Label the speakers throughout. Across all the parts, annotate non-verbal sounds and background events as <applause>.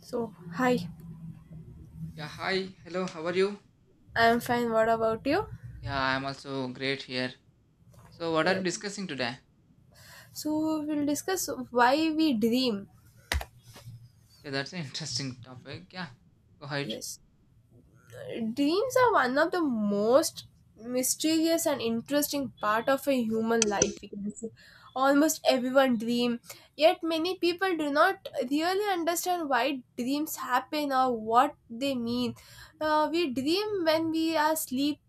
Speaker 1: So, hi,
Speaker 2: Yeah, hi. Hello, how are you?
Speaker 1: I'm fine. What about you?
Speaker 2: Yeah, I'm also great here. So, what are you
Speaker 1: Yes.
Speaker 2: discussing today?
Speaker 1: So, we'll discuss why we dream.
Speaker 2: Yeah, that's an <laughs> interesting topic. Yeah, go ahead.
Speaker 1: Yes. Dreams are one of the most mysterious and interesting part of a human life, we can say. Almost everyone dream, yet many people do not really understand why dreams happen or what they mean. We dream when we are asleep,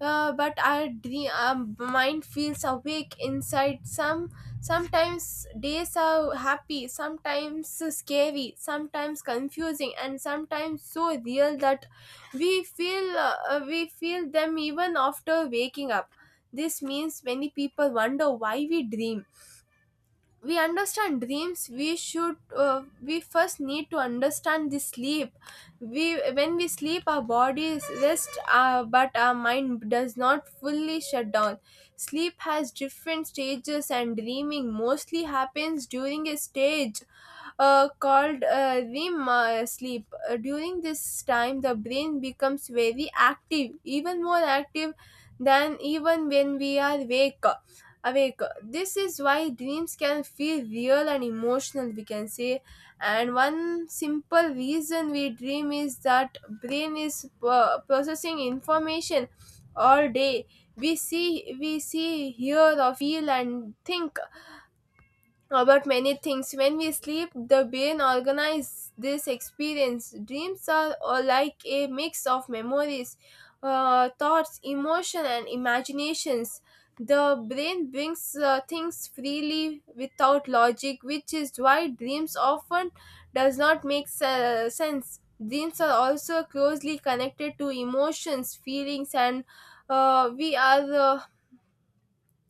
Speaker 1: but our mind feels awake inside some sometimes. Days are happy, sometimes scary, sometimes confusing, and sometimes so real that we feel them even after waking up. This means many people wonder why we dream. We understand dreams, we should we first need to understand the sleep. We when we sleep, our bodies rest, but our mind does not fully shut down. Sleep has different stages, and dreaming mostly happens during a stage called REM sleep. During this time, the brain becomes very active, even more active than even when we are awake. Awake. This is why dreams can feel real and emotional, we can say. And one simple reason we dream is that brain is processing information all day. We see, hear, or feel, and think about many things. When we sleep, the brain organizes this experience. Dreams are like a mix of memories, thoughts, emotion, and imaginations. The brain brings things freely without logic, which is why dreams often does not make sense. Dreams are also closely connected to emotions, feelings, and we are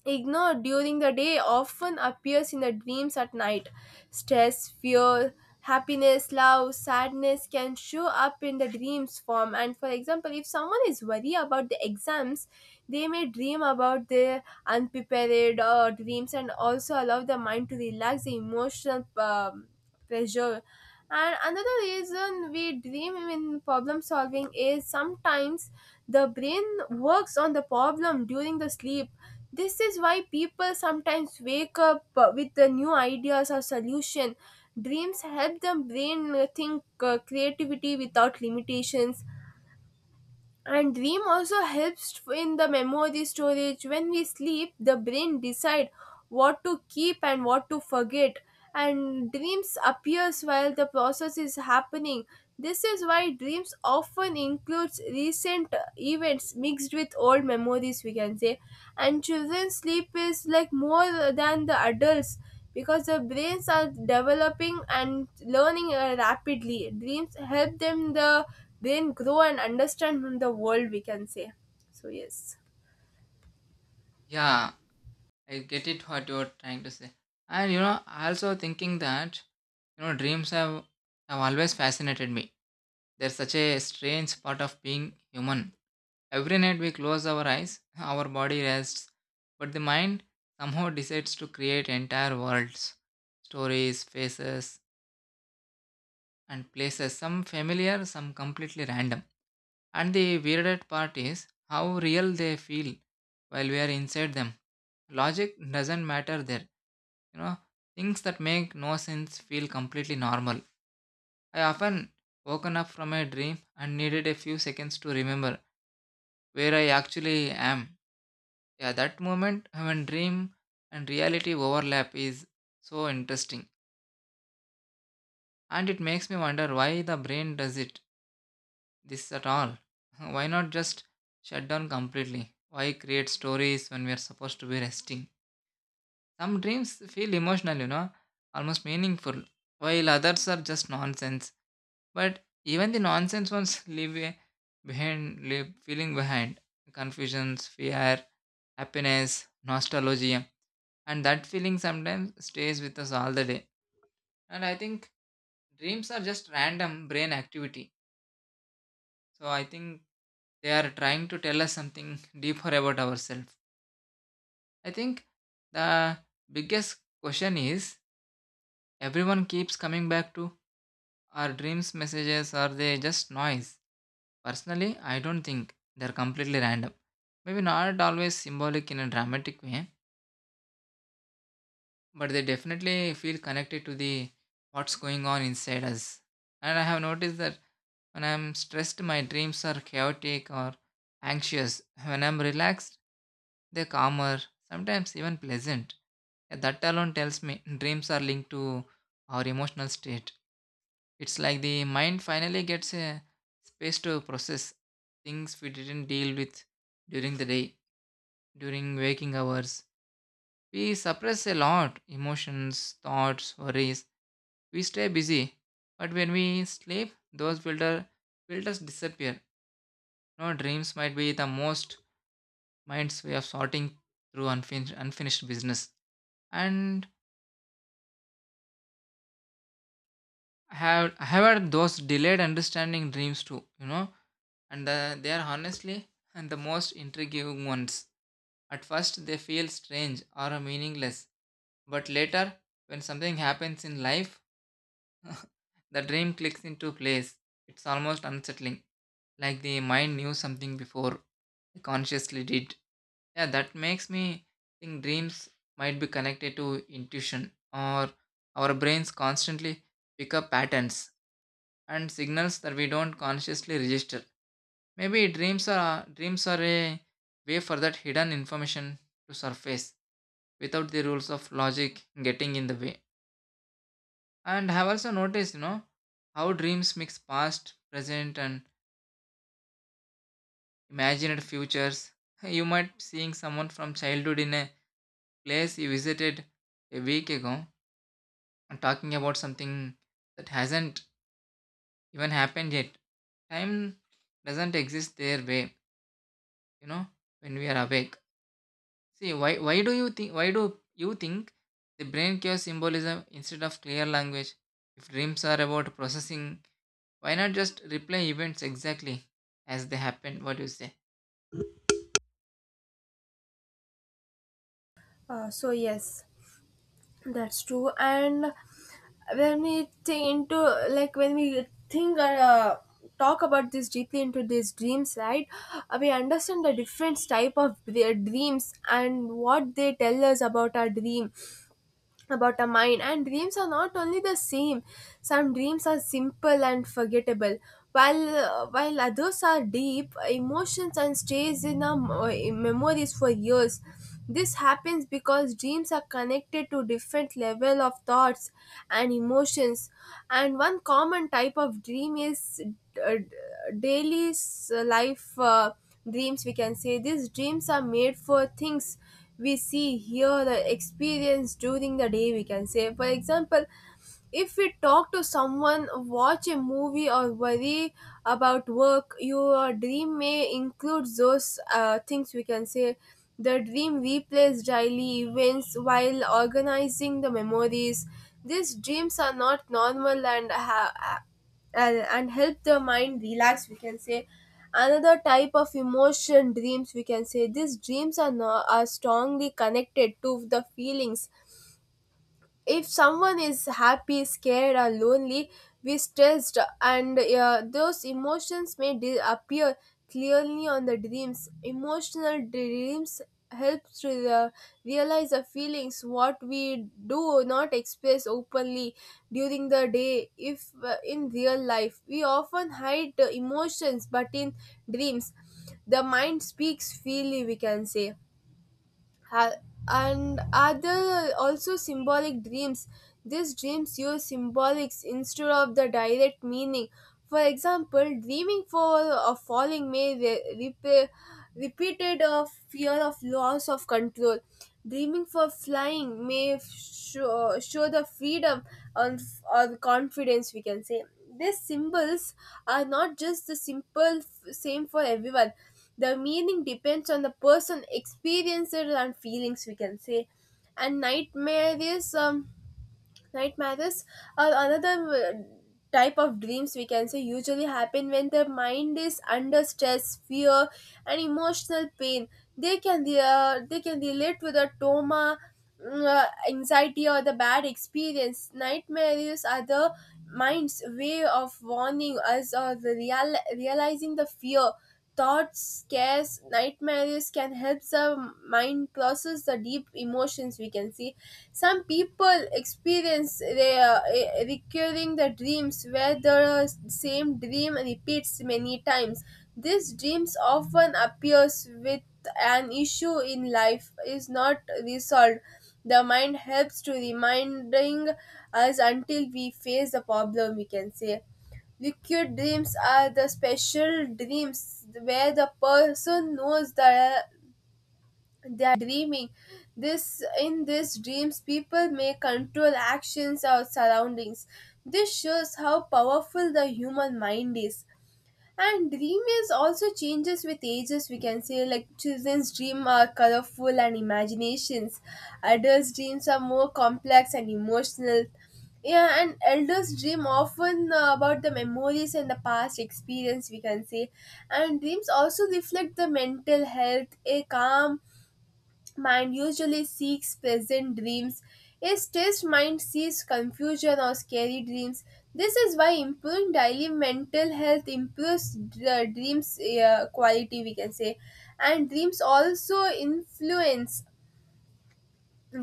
Speaker 1: ignored during the day often appears in the dreams at night. Stress, fear, happiness, love, sadness can show up in the dreams form. And for example, if someone is worried about the exams, they may dream about their unprepared dreams, and also allow the mind to relax the emotional pressure. And another reason we dream in problem solving is sometimes the brain works on the problem during the sleep. This is why people sometimes wake up with the new ideas or solution. Dreams help the brain think creativity without limitations, and dream also helps in the memory storage. When we sleep, the brain decide what to keep and what to forget, and dreams appears while the process is happening. This is why dreams often includes recent events mixed with old memories, we can say. And children's sleep is like more than the adults because their brains are developing and learning rapidly. Dreams help them the then grow and understand from the world, we can say. So yes.
Speaker 2: Yeah, I get it what you're trying to say. And I also thinking that, dreams have always fascinated me. They're such a strange part of being human. Every night we close our eyes, <laughs> our body rests, but the mind somehow decides to create entire worlds, stories, faces, and places, some familiar, some completely random. And the weirdest part is how real they feel while we are inside them. Logic doesn't matter there. You know, things that make no sense feel completely normal. I often woken up from a dream and needed a few seconds to remember where I actually am. Yeah, that moment when dream and reality overlap is so interesting. And it makes me wonder why the brain does it this at all? <laughs> Why not just shut down completely? Why create stories when we are supposed to be resting? Some dreams feel emotional, almost meaningful, while others are just nonsense. But even the nonsense ones <laughs> leave behind, leave feeling behind confusions, fear, happiness, nostalgia, and that feeling sometimes stays with us all the day. And I think dreams are just random brain activity. So I think they are trying to tell us something deeper about ourselves. I think the biggest question is everyone keeps coming back to our dreams messages are they just noise? Personally, I don't think they're completely random. Maybe not always symbolic in a dramatic way, but they definitely feel connected to the what's going on inside us. And I have noticed that when I'm stressed, my dreams are chaotic or anxious. When I'm relaxed, they're calmer, sometimes even pleasant. Yeah, that alone tells me dreams are linked to our emotional state. It's like the mind finally gets a space to process things we didn't deal with during the day, during waking hours. We suppress a lot emotions, thoughts, worries. We stay busy, but when we sleep, those filters disappear. No, dreams might be the most mind's way of sorting through unfinished business. And I have had those delayed understanding dreams too, and they are honestly <laughs> and the most intriguing ones. At first, they feel strange or meaningless, but later, when something happens in life, <laughs> the dream clicks into place. It's almost unsettling, like the mind knew something before I consciously did. Yeah, that makes me think dreams might be connected to intuition or our brains constantly pick up patterns and signals that we don't consciously register. Maybe dreams are a way for that hidden information to surface without the rules of logic getting in the way. And I have also noticed, how dreams mix past, present and imagined futures. <laughs> You might seeing someone from childhood in a place you visited a week ago and talking about something that hasn't even happened yet. Time doesn't exist their way, you know, when we are awake. See, why do you think the brain cares symbolism instead of clear language? If dreams are about processing, why not just replay events exactly as they happen? What do you say?
Speaker 1: So yes, that's true. And when we think into, like, when we think talk about this deeply into these dreams, right, we understand the different type of their dreams and what they tell us about our dream about a mind, and dreams are not only the same. Some dreams are simple and forgettable, while while others are deep emotions and stays in our in memories for years. This happens because dreams are connected to different level of thoughts and emotions. And one common type of dream is uh, daily life dreams, we can say. These dreams are made for things we see, hear, the experience during the day, we can say. For example, if we talk to someone, watch a movie, or worry about work, your dream may include those things, we can say. The dream replays daily events while organizing the memories. These dreams are not normal and and help the mind relax, we can say. Another type of emotion dreams, we can say, these dreams are, no, are strongly connected to the feelings. If someone is happy, scared, or lonely, we stressed, and those emotions may appear clearly on the dreams. Emotional dreams help to realize the feelings what we do not express openly during the day. If in real life we often hide the emotions, but in dreams the mind speaks freely, we can say. ha- and other also symbolic dreams. These dreams use symbolics instead of the direct meaning. For example, dreaming for a falling may repeated a fear of loss of control. Dreaming for flying may show the freedom and or confidence, we can say. These symbols are not just the simple same for everyone. The meaning depends on the person experiences and feelings, we can say. And nightmares, nightmares are another type of dreams, we can say, usually happen when the mind is under stress, fear, and emotional pain. They can relate to the trauma, anxiety, or the bad experience. Nightmares are the mind's way of warning us or the realizing the fear. Thoughts, scares, nightmares can help the mind process the deep emotions, we can see. Some people experience recurring the dreams where the same dream repeats many times. These dreams often appears with an issue in life is not resolved. The mind helps to reminding us until we face the problem, we can say. Liquid dreams are the special dreams where the person knows that they are dreaming. This in these dreams, people may control actions or surroundings. This shows how powerful the human mind is. And dream is also changes with ages, we can say. Like children's dream are colorful and imaginations. Adults' dreams are more complex and emotional. Yeah, and elders dream often about the memories and the past experience, we can say. And dreams also reflect the mental health. A calm mind usually seeks pleasant dreams. A stressed mind sees confusion or scary dreams. This is why improving daily mental health improves the dreams quality, we can say. And dreams also influence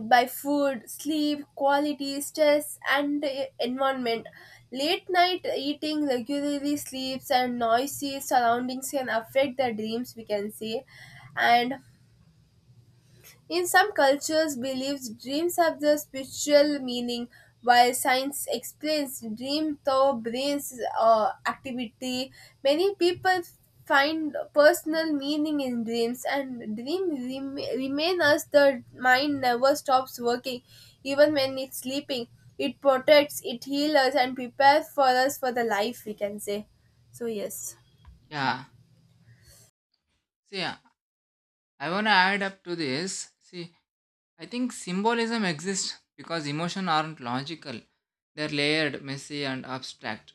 Speaker 1: by food, sleep, quality, stress, and environment. Late night eating, regularly sleeps, and noisy surroundings can affect the dreams, we can say. And in some cultures, beliefs, dreams have the spiritual meaning, while science explains dream through brain's activity. Many people find personal meaning in dreams, and dream remain as the mind never stops working, even when it's sleeping. It protects, it heals us, and prepares for us for the life, we can say. So yes.
Speaker 2: Yeah. See, I wanna add up to this. See, I think symbolism exists because emotions aren't logical. They're layered, messy, and abstract.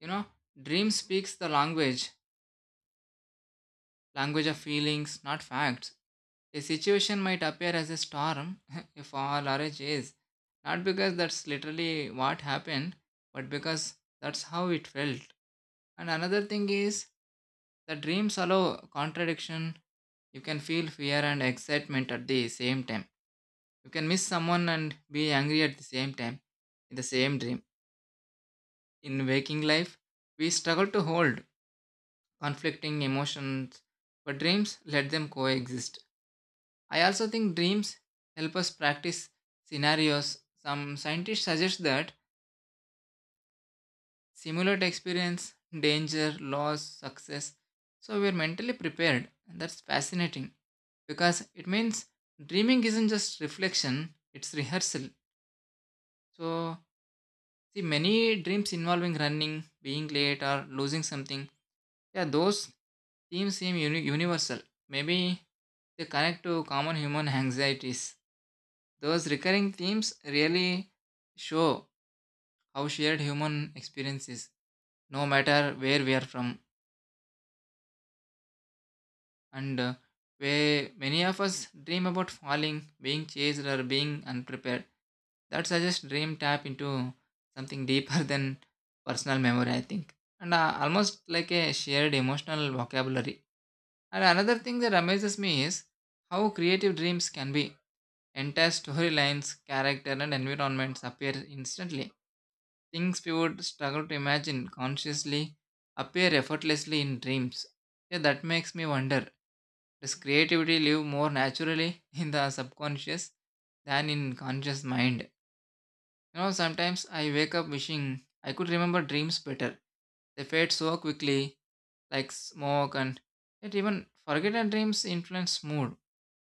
Speaker 2: You know, dream speaks language of feelings, not facts. A situation might appear as a storm, <laughs> a fall, or a chase, not because that's literally what happened, but because that's how it felt. And another thing is that dreams allow contradiction. You can feel fear and excitement at the same time. You can miss someone and be angry at the same time in the same dream. In waking life, we struggle to hold conflicting emotions, but dreams let them coexist. I also think dreams help us practice scenarios. Some scientists suggest that simulate experience, danger, loss, success, so we're mentally prepared. And that's fascinating because it means dreaming isn't just reflection, it's rehearsal. So, see, many dreams involving running, being late, or losing something. Yeah, those themes seem universal. Maybe they connect to common human anxieties. Those recurring themes really show how shared human experience is, no matter where we are from. And where many of us dream about falling, being chased, or being unprepared. That suggests dream tap into something deeper <laughs> than personal memory, I think, and almost like a shared emotional vocabulary. And another thing that amazes me is how creative dreams can be. Entire storylines, character, and environments appear instantly. Things we would struggle to imagine consciously appear effortlessly in dreams. Yeah, that makes me wonder does creativity live more naturally <laughs> in the subconscious than in conscious mind? You know, sometimes I wake up wishing I could remember dreams better. They fade so quickly, like smoke, and yet even forgotten dreams influence mood.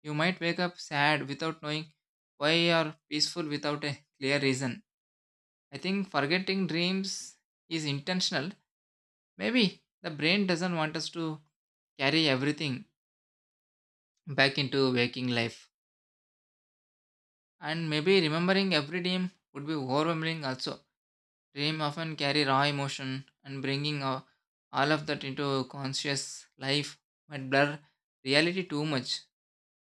Speaker 2: You might wake up sad without knowing why, or peaceful without a clear reason. I think forgetting dreams is intentional. Maybe the brain doesn't want us to carry everything back into waking life. And maybe remembering every dream would be overwhelming also. Dream often carry raw emotion and bringing all of that into conscious life might blur reality too much.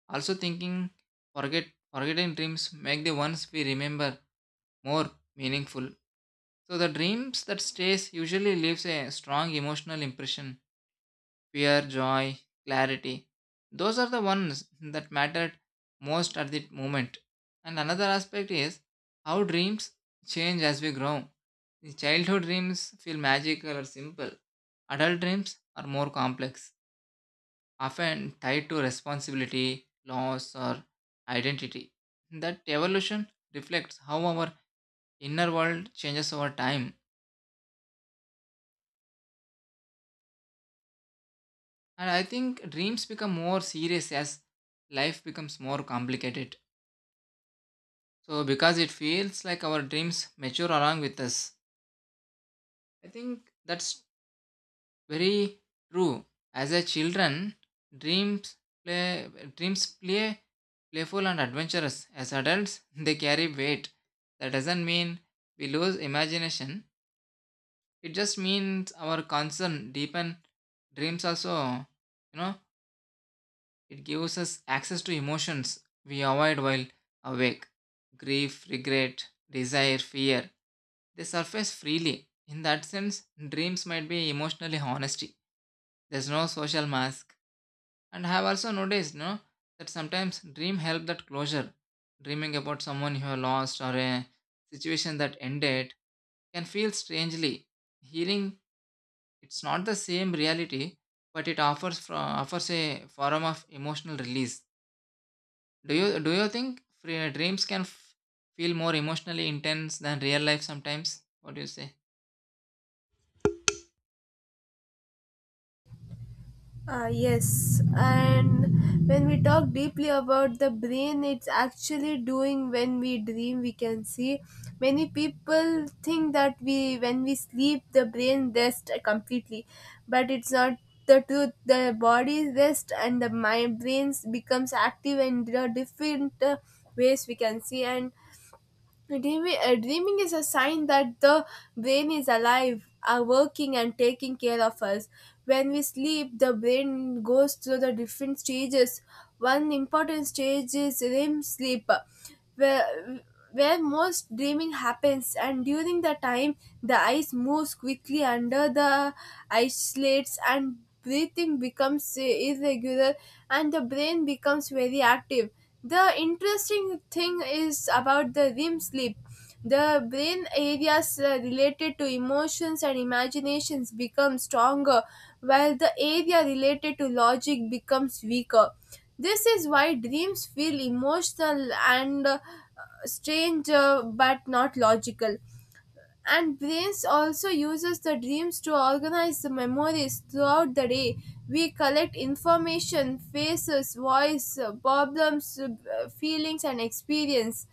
Speaker 2: Also thinking forget forgetting dreams make the ones we remember more meaningful. So the dreams that stays usually leaves a strong emotional impression fear, joy, clarity. Those are the ones that mattered most at the moment. And another aspect is how dreams change as we grow. Childhood dreams feel magical or simple. Adult dreams are more complex, often tied to responsibility, loss, or identity. That evolution reflects how our inner world changes over time. And I think dreams become more serious as life becomes more complicated. So because it feels like our dreams mature along with us. I think that's very true. As a children, dreams play dreams play playful and adventurous. As adults, <laughs> they carry weight. That doesn't mean we lose imagination. It just means our concern deepen dreams also, you know, it gives us access to emotions we avoid while awake. Grief, regret, desire, fear. They surface freely. In that sense, dreams might be emotionally honesty. There's no social mask. And I have also noticed, no, that sometimes dream help that closure. Dreaming about someone you have lost or a situation that ended can feel strangely healing. It's not the same reality, but it offers offers a form of emotional release. Do you think dreams can feel more emotionally intense than real life sometimes? What do you say?
Speaker 1: Yes, and when we talk deeply about the brain, it's actually doing when we dream, we can see. Many people think that we, when we sleep, the brain rests completely, but it's not the truth. The body rests and the mind brains becomes active in the different ways, we can see. And dreaming is a sign that the brain is alive, are working, and taking care of us. When we sleep, the brain goes through the different stages. One important stage is REM sleep, where, where most dreaming happens. And during the time, the eyes moves quickly under the eye slits, and breathing becomes irregular, and the brain becomes very active. The interesting thing is about the REM sleep. The brain areas related to emotions and imaginations become stronger, while the area related to logic becomes weaker. This is why dreams feel emotional and strange, but not logical. And brains also uses the dreams to organize the memories throughout the day. We collect information, faces, voice, problems, feelings, and experience.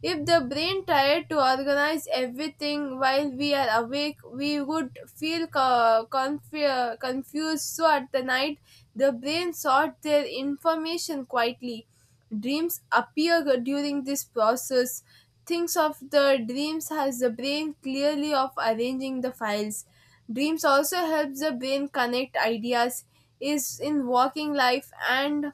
Speaker 1: If the brain tried to organize everything while we are awake, we would feel confused. So at the night, the brain sorts their information quietly. Dreams appear during this process. Thinks of the dreams as the brain clearly of arranging the files. Dreams also helps the brain connect ideas is in working life, and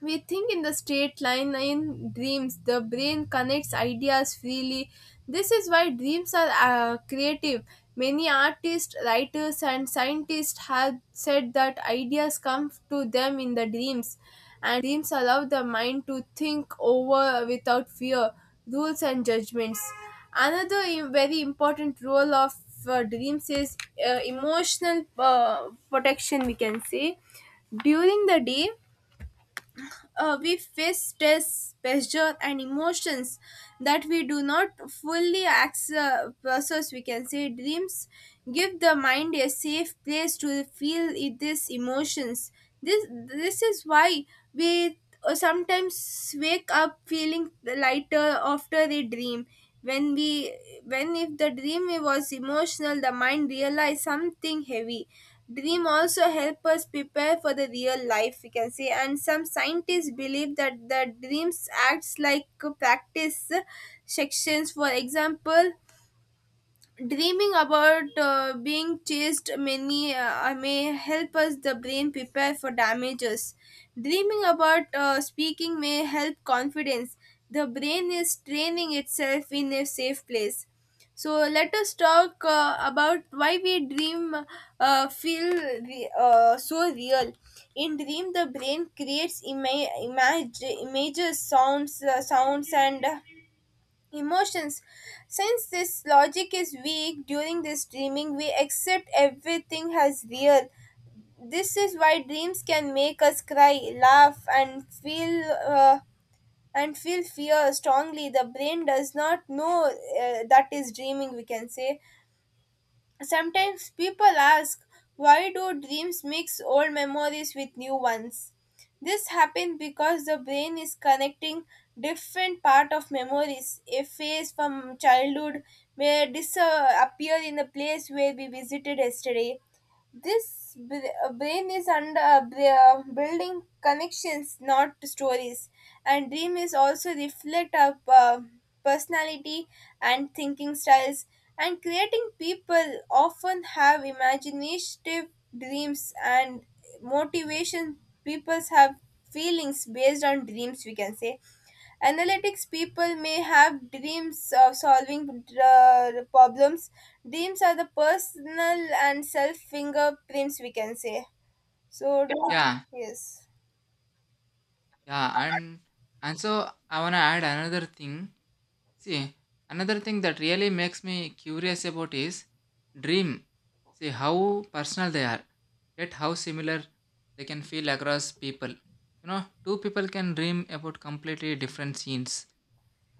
Speaker 1: we think in the straight line. In dreams, the brain connects ideas freely. This is why dreams are creative. Many artists, writers, and scientists have said that ideas come to them in the dreams, and dreams allow the mind to think over without fear, rules, and judgments. Another very important role of dreams is emotional protection, we can say. During the day, we face stress, pressure, and emotions that we do not fully process, we can say. Dreams give the mind a safe place to feel these emotions. This is why we sometimes wake up feeling lighter after a dream. When we when if the dream was emotional, the mind realized something heavy. Dream also help us prepare for the real life, we can say. And some scientists believe that the dreams acts like practice sections. For example, dreaming about being chased many may help us the brain prepare for damages. Dreaming about speaking may help confidence. The brain is training itself in a safe place. So let us talk about why we dream so real. In dream, the brain creates image, images, sounds, sounds, and emotions. Since this logic is weak during this dreaming, we accept everything as real. This is why dreams can make us cry, laugh, and feel fear strongly. The brain does not know that is dreaming, we can say. Sometimes people ask, why do dreams mix old memories with new ones? This happens because the brain is connecting different part of memories. A phase from childhood may disappear in the place where we visited yesterday. Brain is under building connections, not stories, and dream is also reflect our personality and thinking styles. And creating people often have imaginative dreams and motivation. People have feelings based on dreams, we can say. Analytics people may have dreams of solving problems. Dreams are the personal and self fingerprints, we can say. So.
Speaker 2: Yeah,
Speaker 1: Yes.
Speaker 2: yeah, and so I wanna add another thing. See, another thing that really makes me curious about is dream. See how personal they are, yet how similar they can feel across people. You know, two people can dream about completely different scenes,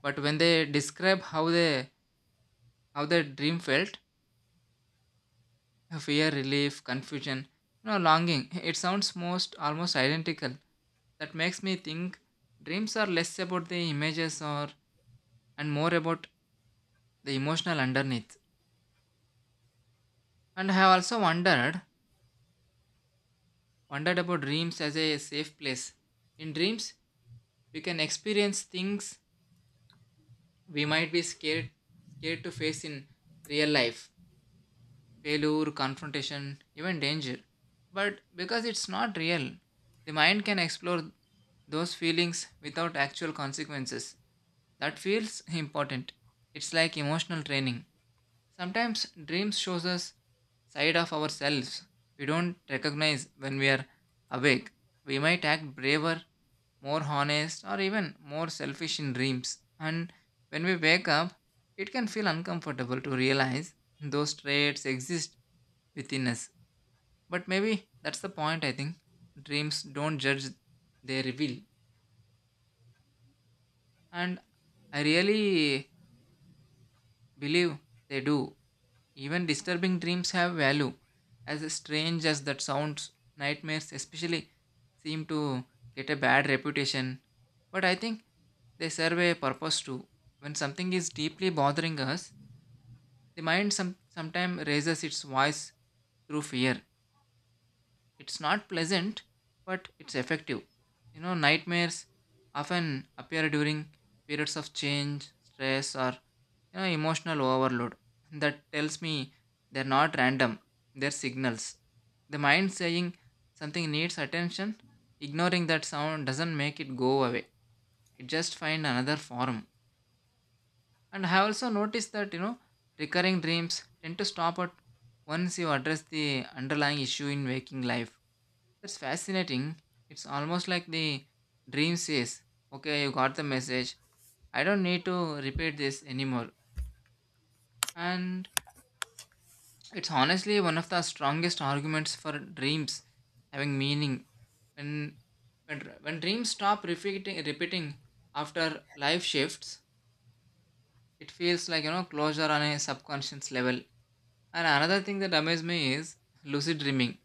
Speaker 2: but when they describe how their dream felt, fear, relief, confusion, longing, it sounds most almost identical. That makes me think dreams are less about the images or and more about the emotional underneath. And I have also wondered wondered about dreams as a safe place. In dreams, we can experience things we might be scared to face in real life, failure, confrontation, even danger. But because it's not real, the mind can explore those feelings without actual consequences. That feels important. It's like emotional training. Sometimes dreams shows us side of ourselves we don't recognize when we are awake. We might act braver, more honest, or even more selfish in dreams. And when we wake up, it can feel uncomfortable to realize those traits exist within us. But maybe that's the point, I think. Dreams don't judge, they reveal. And I really believe they do. Even disturbing dreams have value. As strange as that sounds, nightmares especially seem to get a bad reputation. But I think they serve a purpose too. When something is deeply bothering us, the mind sometimes raises its voice through fear. It's not pleasant, but it's effective. You know, nightmares often appear during periods of change, stress, or emotional overload. <laughs> That tells me they're not random, they're signals. The mind saying something needs attention, ignoring that sound doesn't make it go away. It just finds another form. And I have also noticed that, recurring dreams tend to stop at once you address the underlying issue in waking life that's fascinating. It's almost like the dream says, okay, you got the message. I don't need to repeat this anymore. And it's honestly one of the strongest arguments for dreams having meaning. When when dreams stop repeating after life shifts, it feels like closure on a subconscious level. And another thing that amazes me is lucid dreaming.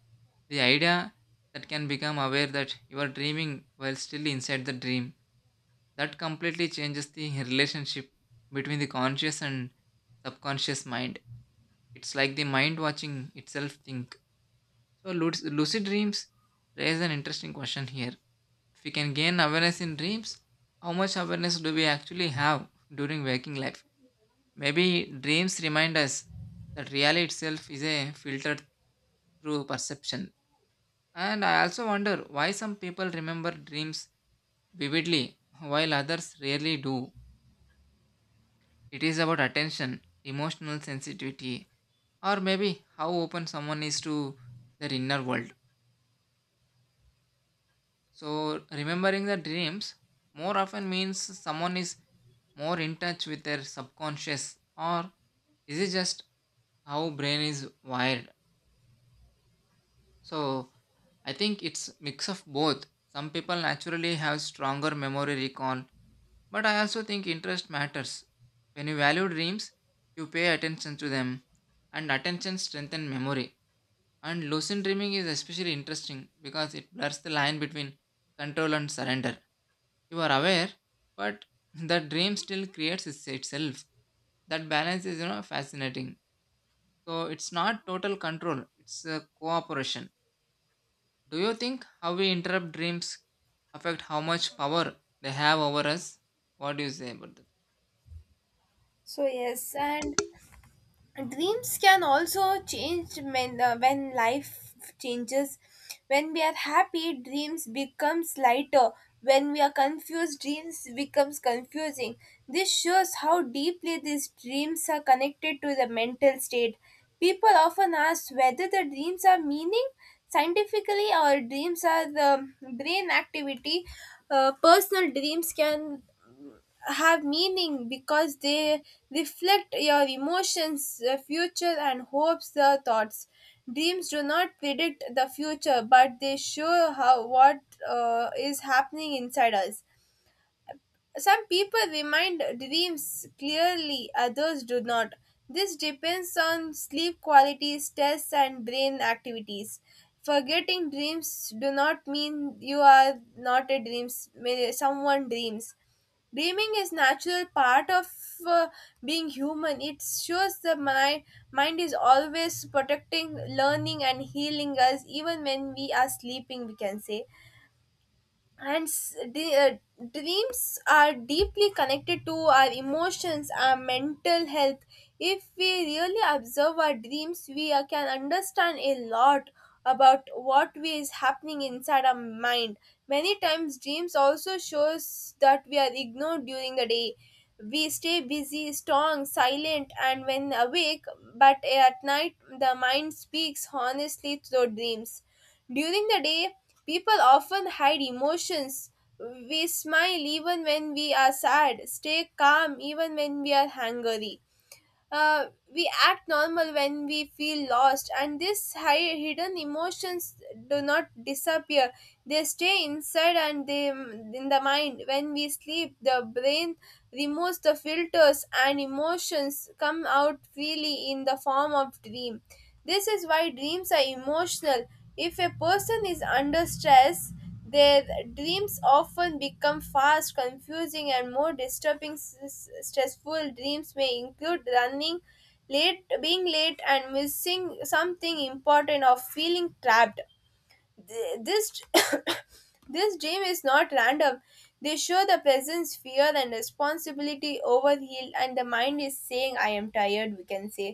Speaker 2: The idea that can become aware that you are dreaming while still inside the dream. That completely changes the relationship between the conscious and subconscious mind. It's like the mind watching itself think. So, lucid dreams raise an interesting question here. If we can gain awareness in dreams, how much awareness do we actually have during waking life? Maybe dreams remind us that reality itself is a filtered through perception. And I also wonder why some people remember dreams vividly while others rarely do. It is about attention, emotional sensitivity, or maybe how open someone is to their inner world. So, remembering the dreams more often means someone is more in touch with their subconscious, or is it just how brain is wired? So, I think it's mix of both. Some people naturally have stronger memory recall. But I also think interest matters. When you value dreams, you pay attention to them, and attention strengthens memory. And lucid dreaming is especially interesting because it blurs the line between control and surrender. You are aware, but <laughs> the dream still creates itself. That balance is, you know, fascinating. So it's not total control; it's a cooperation. Do you think how we interrupt dreams affect how much power they have over us? What do you say about that?
Speaker 1: So yes, and dreams can also change when life changes. When we are happy, dreams becomes lighter. When we are confused, dreams becomes confusing. This shows how deeply these dreams are connected to the mental state. People often ask whether the dreams are meaning scientifically, or dreams are the brain activity. Personal dreams can have meaning because they reflect your emotions, future, and hopes, thoughts. Dreams do not predict the future, but they show how what is happening inside us. Some people remind dreams clearly, others do not. This depends on sleep quality, stress, and brain activities. Forgetting dreams do not mean you are not a dreams. Someone dreams. Dreaming is natural part of uh, being human. It shows the mind is always protecting, learning, and healing us even when we are sleeping, we can say. and s- de- uh, Dreams are deeply connected to our emotions, our mental health. If we really observe our dreams, we can understand a lot about what we is happening inside our mind. Many times dreams also shows that we are ignored during the day. We stay busy, strong, silent, and when awake, but at night the mind speaks honestly through dreams. During the day, people often hide emotions. We smile even when we are sad, stay calm even when we are hungry. Uh, we act normal when we feel lost, and these hidden emotions do not disappear. They stay inside and they in the mind. When we sleep, the brain removes the filters, and emotions come out freely in the form of dream. This is why dreams are emotional. If a person is under stress, their dreams often become fast, confusing, and more disturbing. Stressful dreams may include running late, being late, and missing something important, or feeling trapped. This <coughs> this dream is not random. They show the presence, fear, and responsibility overheal, and the mind is saying, "I am tired," we can say.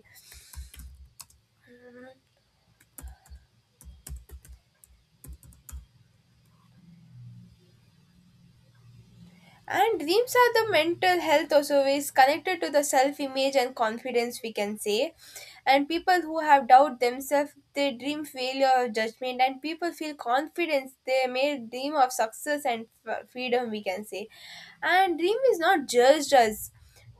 Speaker 1: And dreams are the mental health also is connected to the self image and confidence, we can say. And people who have doubt themselves, they dream failure or judgment, and people feel confidence. They may dream of success and freedom, we can say. And dream is not judged as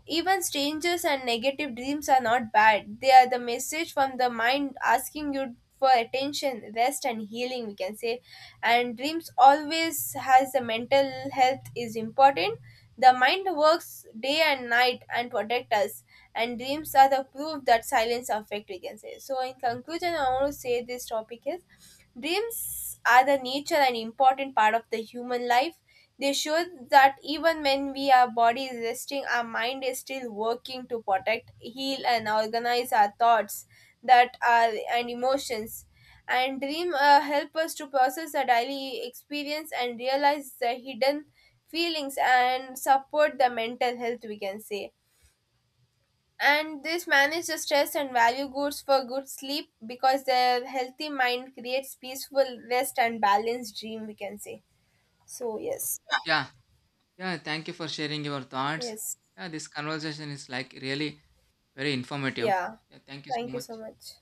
Speaker 1: even strangers, and negative dreams are not bad. They are the message from the mind asking you for attention, rest, and healing, we can say. And dreams always has the mental health is important. The mind works day and night and protect us, and dreams are the proof that silence affect, we can say. So in conclusion, I want to say this topic is: dreams are the nature and important part of the human life. They show that even when we our body is resting, our mind is still working to protect, heal, and organize our thoughts that are and emotions. And dream help us to process our daily experience and realize the hidden feelings and support the mental health, we can say. And this manage the stress and value goods for good sleep, because the healthy mind creates peaceful rest and balanced dream, we can say. So yes,
Speaker 2: Yeah, yeah, thank you for sharing your thoughts.
Speaker 1: yes,
Speaker 2: Yeah, this conversation is like really very informative.
Speaker 1: yeah,
Speaker 2: Yeah, thank you so
Speaker 1: thank you so
Speaker 2: much.
Speaker 1: much.